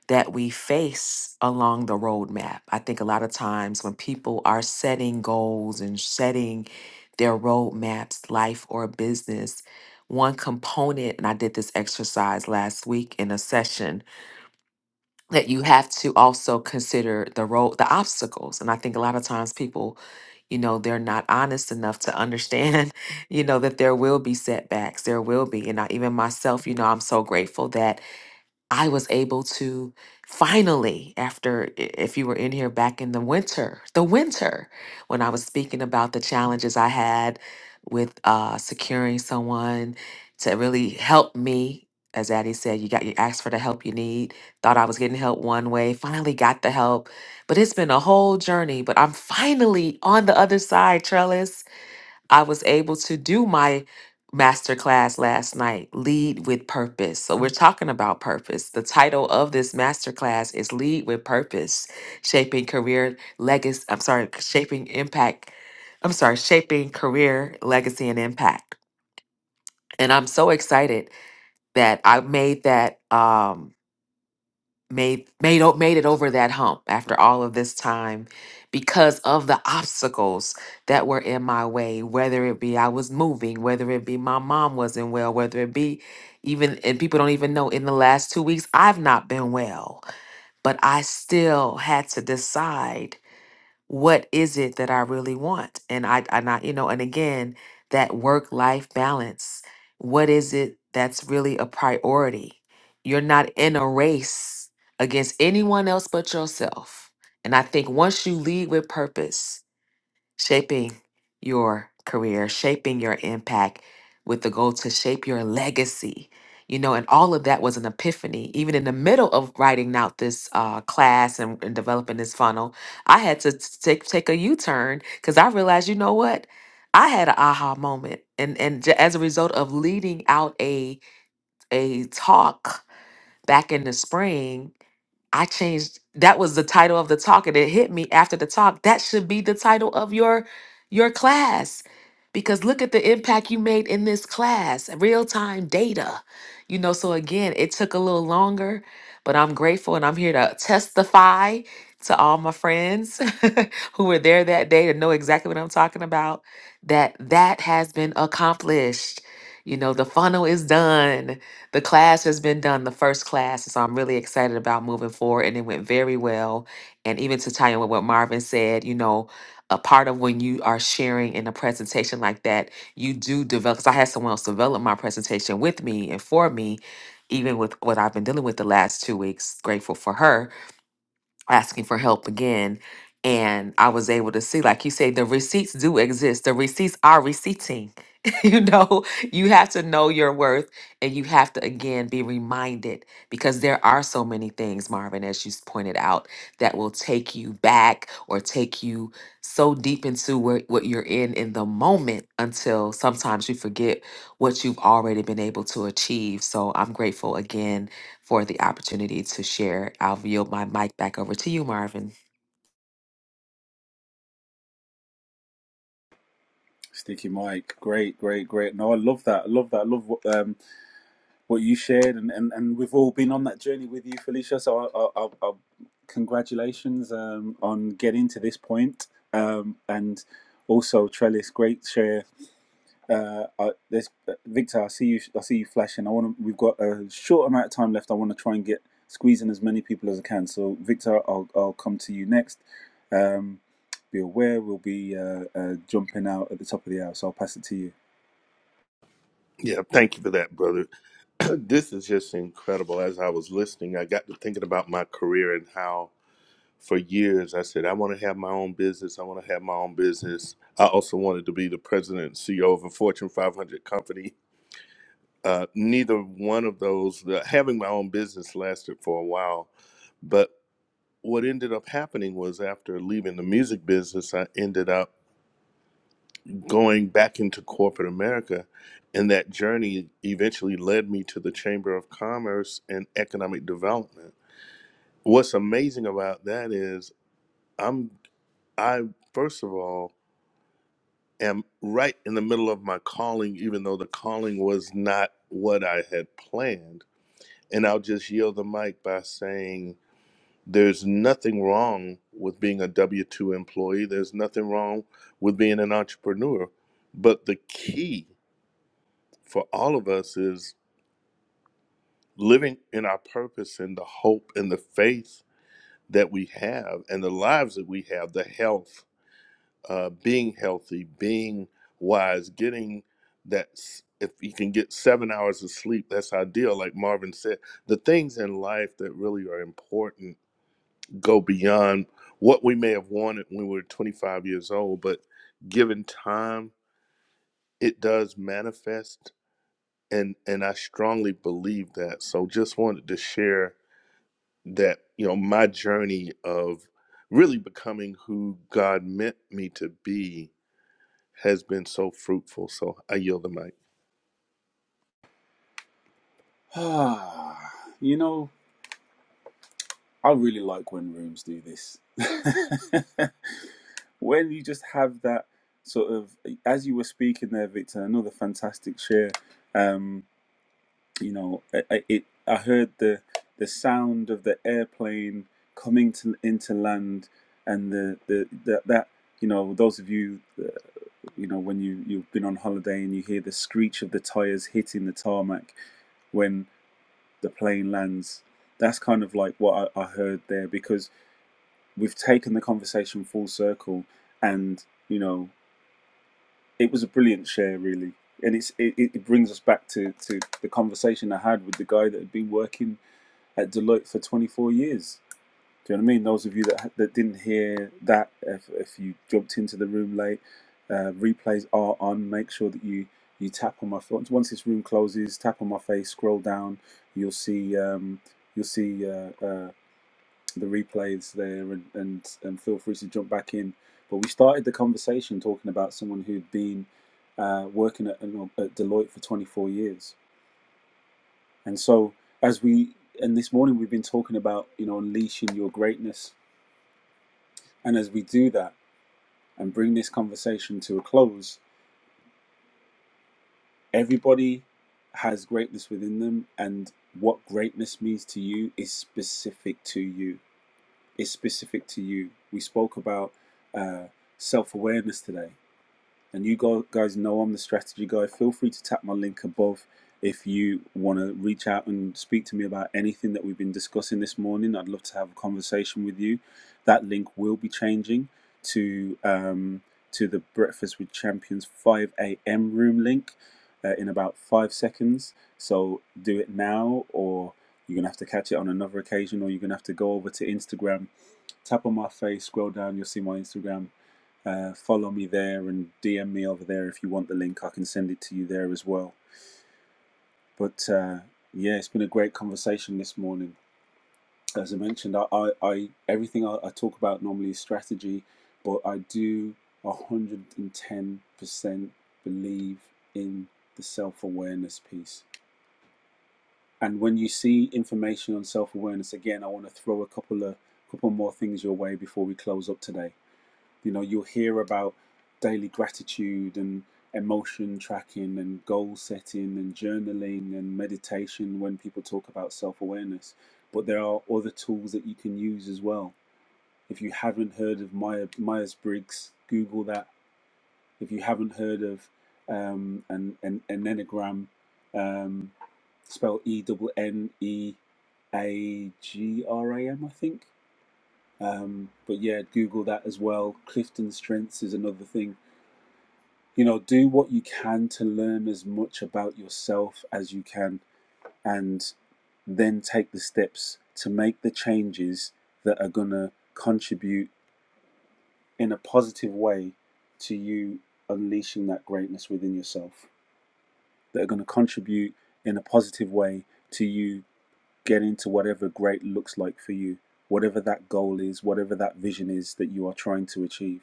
that we face along the roadmap. I think a lot of times when people are setting goals and setting their roadmaps, life or business, one component, and I did this exercise last week in a session that you have to also consider the road the obstacles and i think a lot of times people you know they're not honest enough to understand you know that there will be setbacks there will be and I, even myself you know i'm so grateful that I was able to finally, after, i- if you were in here back in the winter, the winter, when I was speaking about the challenges I had with uh, securing someone to really help me. As Addie said, you got you asked for the help you need. Thought I was getting help one way, finally got the help. But it's been a whole journey. But I'm finally on the other side, Trellis. I was able to do my masterclass last night, Lead with Purpose. So we're talking about purpose. The title of this masterclass is Lead with Purpose, Shaping Career Legacy, I'm sorry, Shaping Impact, I'm sorry, Shaping Career Legacy and Impact. And I'm so excited that I made that um made made o- made it over that hump after all of this time because of the obstacles that were in my way whether it be I was moving whether it be my mom wasn't well whether it be even and people don't even know in the last 2 weeks I've not been well but I still had to decide what is it that I really want? And I, I not, you know, and again, that work life balance. What is it that's really a priority? You're not in a race against anyone else but yourself. And I think once you lead with purpose, shaping your career, shaping your impact with the goal to shape your legacy. You know, and all of that was an epiphany. Even in the middle of writing out this uh, class and, and developing this funnel, I had to t- take take a U turn because I realized, you know what, I had an aha moment, and and j- as a result of leading out a a talk back in the spring, I changed that was the title of the talk and it hit me after the talk. That should be the title of your your class. Because look at the impact you made in this class, real-time data. You know, so again, it took a little longer, but I'm grateful and I'm here to testify to all my friends who were there that day to know exactly what I'm talking about that that has been accomplished. You know, the funnel is done the class has been done, the first class, so I'm really excited about moving forward, and it went very well. And even to tie in with what Marvin said, you know, a part of when you are sharing in a presentation like that, you do develop. Because I had someone else develop my presentation with me and for me, even with what I've been dealing with the last two weeks. Grateful for her, asking for help again and i was able to see like you say the receipts do exist the receipts are receipting you know you have to know your worth and you have to again be reminded because there are so many things marvin as you s- pointed out that will take you back or take you so deep into where, what you're in in the moment until sometimes you forget what you've already been able to achieve so i'm grateful again for the opportunity to share. I'll yield my mic back over to you, Marvin. Sticky Mike. Great, great, great. No, I love that. I love that. I love what. Um, what you shared, and, and, and we've all been on that journey with you, Felicia. So, I, I, I, congratulations um, on getting to this point, um, and also Trellis, great share. Uh, I, there's uh, Victor, I see you. I see you flashing. I want to. We've got a short amount of time left. I want to try and get squeeze in as many people as I can. So, Victor, I'll I'll come to you next. Um, be aware, we'll be uh, uh, jumping out at the top of the hour. So I'll pass it to you. Yeah, thank you for that, brother. this is just incredible. As I was listening, I got to thinking about my career and how for years I said, I want to have my own business. I want to have my own business. I also wanted to be the president and CEO of a Fortune 500 company. Uh, neither one of those, the, having my own business lasted for a while. But what ended up happening was after leaving the music business, I ended up going back into corporate America. And that journey eventually led me to the Chamber of Commerce and Economic Development. What's amazing about that is I'm I first of all am right in the middle of my calling, even though the calling was not what I had planned. And I'll just yield the mic by saying there's nothing wrong with being a W 2 employee. There's nothing wrong with being an entrepreneur. But the key for all of us is living in our purpose and the hope and the faith that we have and the lives that we have, the health, uh, being healthy, being wise, getting that. s- If you can get seven hours of sleep, that's ideal. Like Marvin said, the things in life that really are important go beyond what we may have wanted when we were 25 years old, but given time, it does manifest and and I strongly believe that. So just wanted to share that you know my journey of really becoming who God meant me to be has been so fruitful. So I yield the mic. Ah, you know. I really like when rooms do this. when you just have that sort of, as you were speaking there, Victor, another fantastic share. Um, you know, I, it. I heard the the sound of the airplane coming to into land, and the the that, that you know those of you uh, you know when you you've been on holiday and you hear the screech of the tires hitting the tarmac when the plane lands. That's kind of like what I, I heard there because we've taken the conversation full circle and you know it was a brilliant share really and it's it, it brings us back to to the conversation i had with the guy that had been working at deloitte for 24 years do you know what i mean those of you that that didn't hear that if, if you jumped into the room late uh, replays are on make sure that you you tap on my phone once this room closes tap on my face scroll down you'll see um you'll see uh, uh the replays there and, and, and feel free to jump back in. But we started the conversation talking about someone who'd been uh, working at, at Deloitte for 24 years. And so, as we, and this morning we've been talking about, you know, unleashing your greatness. And as we do that and bring this conversation to a close, everybody has greatness within them. And what greatness means to you is specific to you, It's specific to you. We spoke about uh, self awareness today and you guys know I'm the strategy guy. Feel free to tap my link above if you want to reach out and speak to me about anything that we've been discussing this morning. I'd love to have a conversation with you. That link will be changing to um, to the Breakfast with Champions 5 a.m. room link uh, in about five seconds. So do it now, or you're gonna have to catch it on another occasion, or you're gonna have to go over to Instagram, tap on my face, scroll down, you'll see my Instagram uh, follow me there and DM me over there if you want the link. I can send it to you there as well. But uh, yeah, it's been a great conversation this morning. As I mentioned, I, I, I everything I, I talk about normally is strategy, but I do 110% believe in the self awareness piece. And when you see information on self awareness, again, I want to throw a couple of couple more things your way before we close up today You know, you'll hear about daily gratitude and emotion tracking and goal setting and journaling and meditation when people talk about self awareness. But there are other tools that you can use as well. If you haven't heard of Meyer, Myers Briggs, Google that. If you haven't heard of um, an, an, an Enneagram, um, spelled E double N E a G R A M, I think. Um, but yeah, Google that as well. Clifton Strengths is another thing you know do what you can to learn as much about yourself as you can and then take the steps to make the changes that are going to contribute in a positive way to you unleashing that greatness within yourself that are going to contribute in a positive way to you getting to whatever great looks like for you whatever that goal is whatever that vision is that you are trying to achieve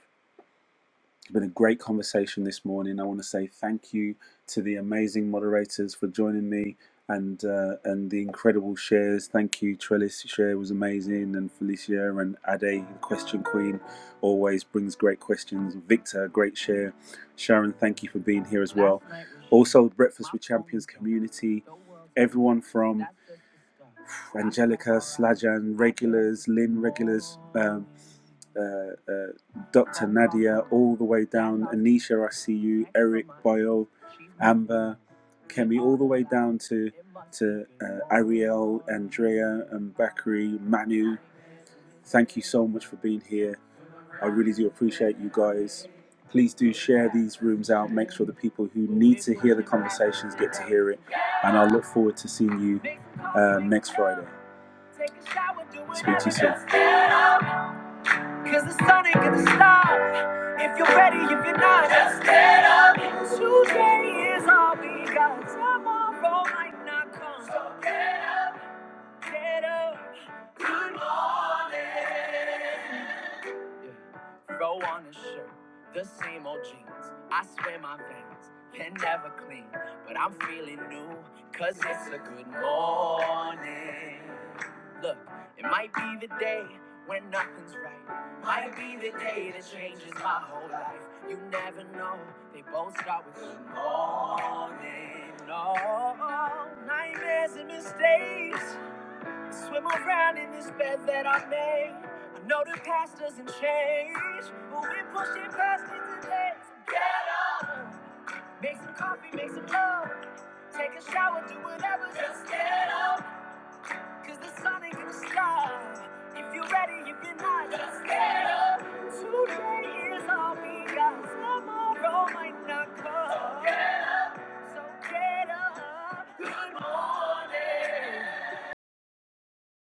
It's been a great conversation this morning. I want to say thank you to the amazing moderators for joining me and uh, and the incredible shares. Thank you, Trellis. Share was amazing, and Felicia and Ade, the question queen, always brings great questions. Victor, great share. Sharon, thank you for being here as well. Also, Breakfast with Champions community, everyone from Angelica, Slajan, regulars, Lynn, regulars. um, uh, uh, Dr. Nadia, all the way down, Anisha, I see you, Eric, Boyle, Amber, Kemi, all the way down to to uh, Ariel, Andrea, and Bakri, Manu. Thank you so much for being here. I really do appreciate you guys. Please do share these rooms out. Make sure the people who need to hear the conversations get to hear it. And I look forward to seeing you uh, next Friday. Speak to you soon. Cause the sun ain't gonna stop if you're ready, if you're not. Just get up. Today is all we got. Tomorrow might not come. So get up. Good morning. Yeah. Throw on a shirt, the same old jeans. I swear my veins can never clean, but I'm feeling new, cause it's a good morning. Look, it might be the day when nothing's right. Might be the day that changes my whole life. You never know, they both start with good morning. No nightmares and mistakes. Swim around in this bed that I made. I know the past doesn't change, but we're pushing past it today. So get up, make some coffee, make some love, take a shower, do whatever. Just get up, cause the sun ain't gonna stop. If you're ready, if you're not, just get up. Today is all we got. Tomorrow might not come, so get up. So get up. Good morning.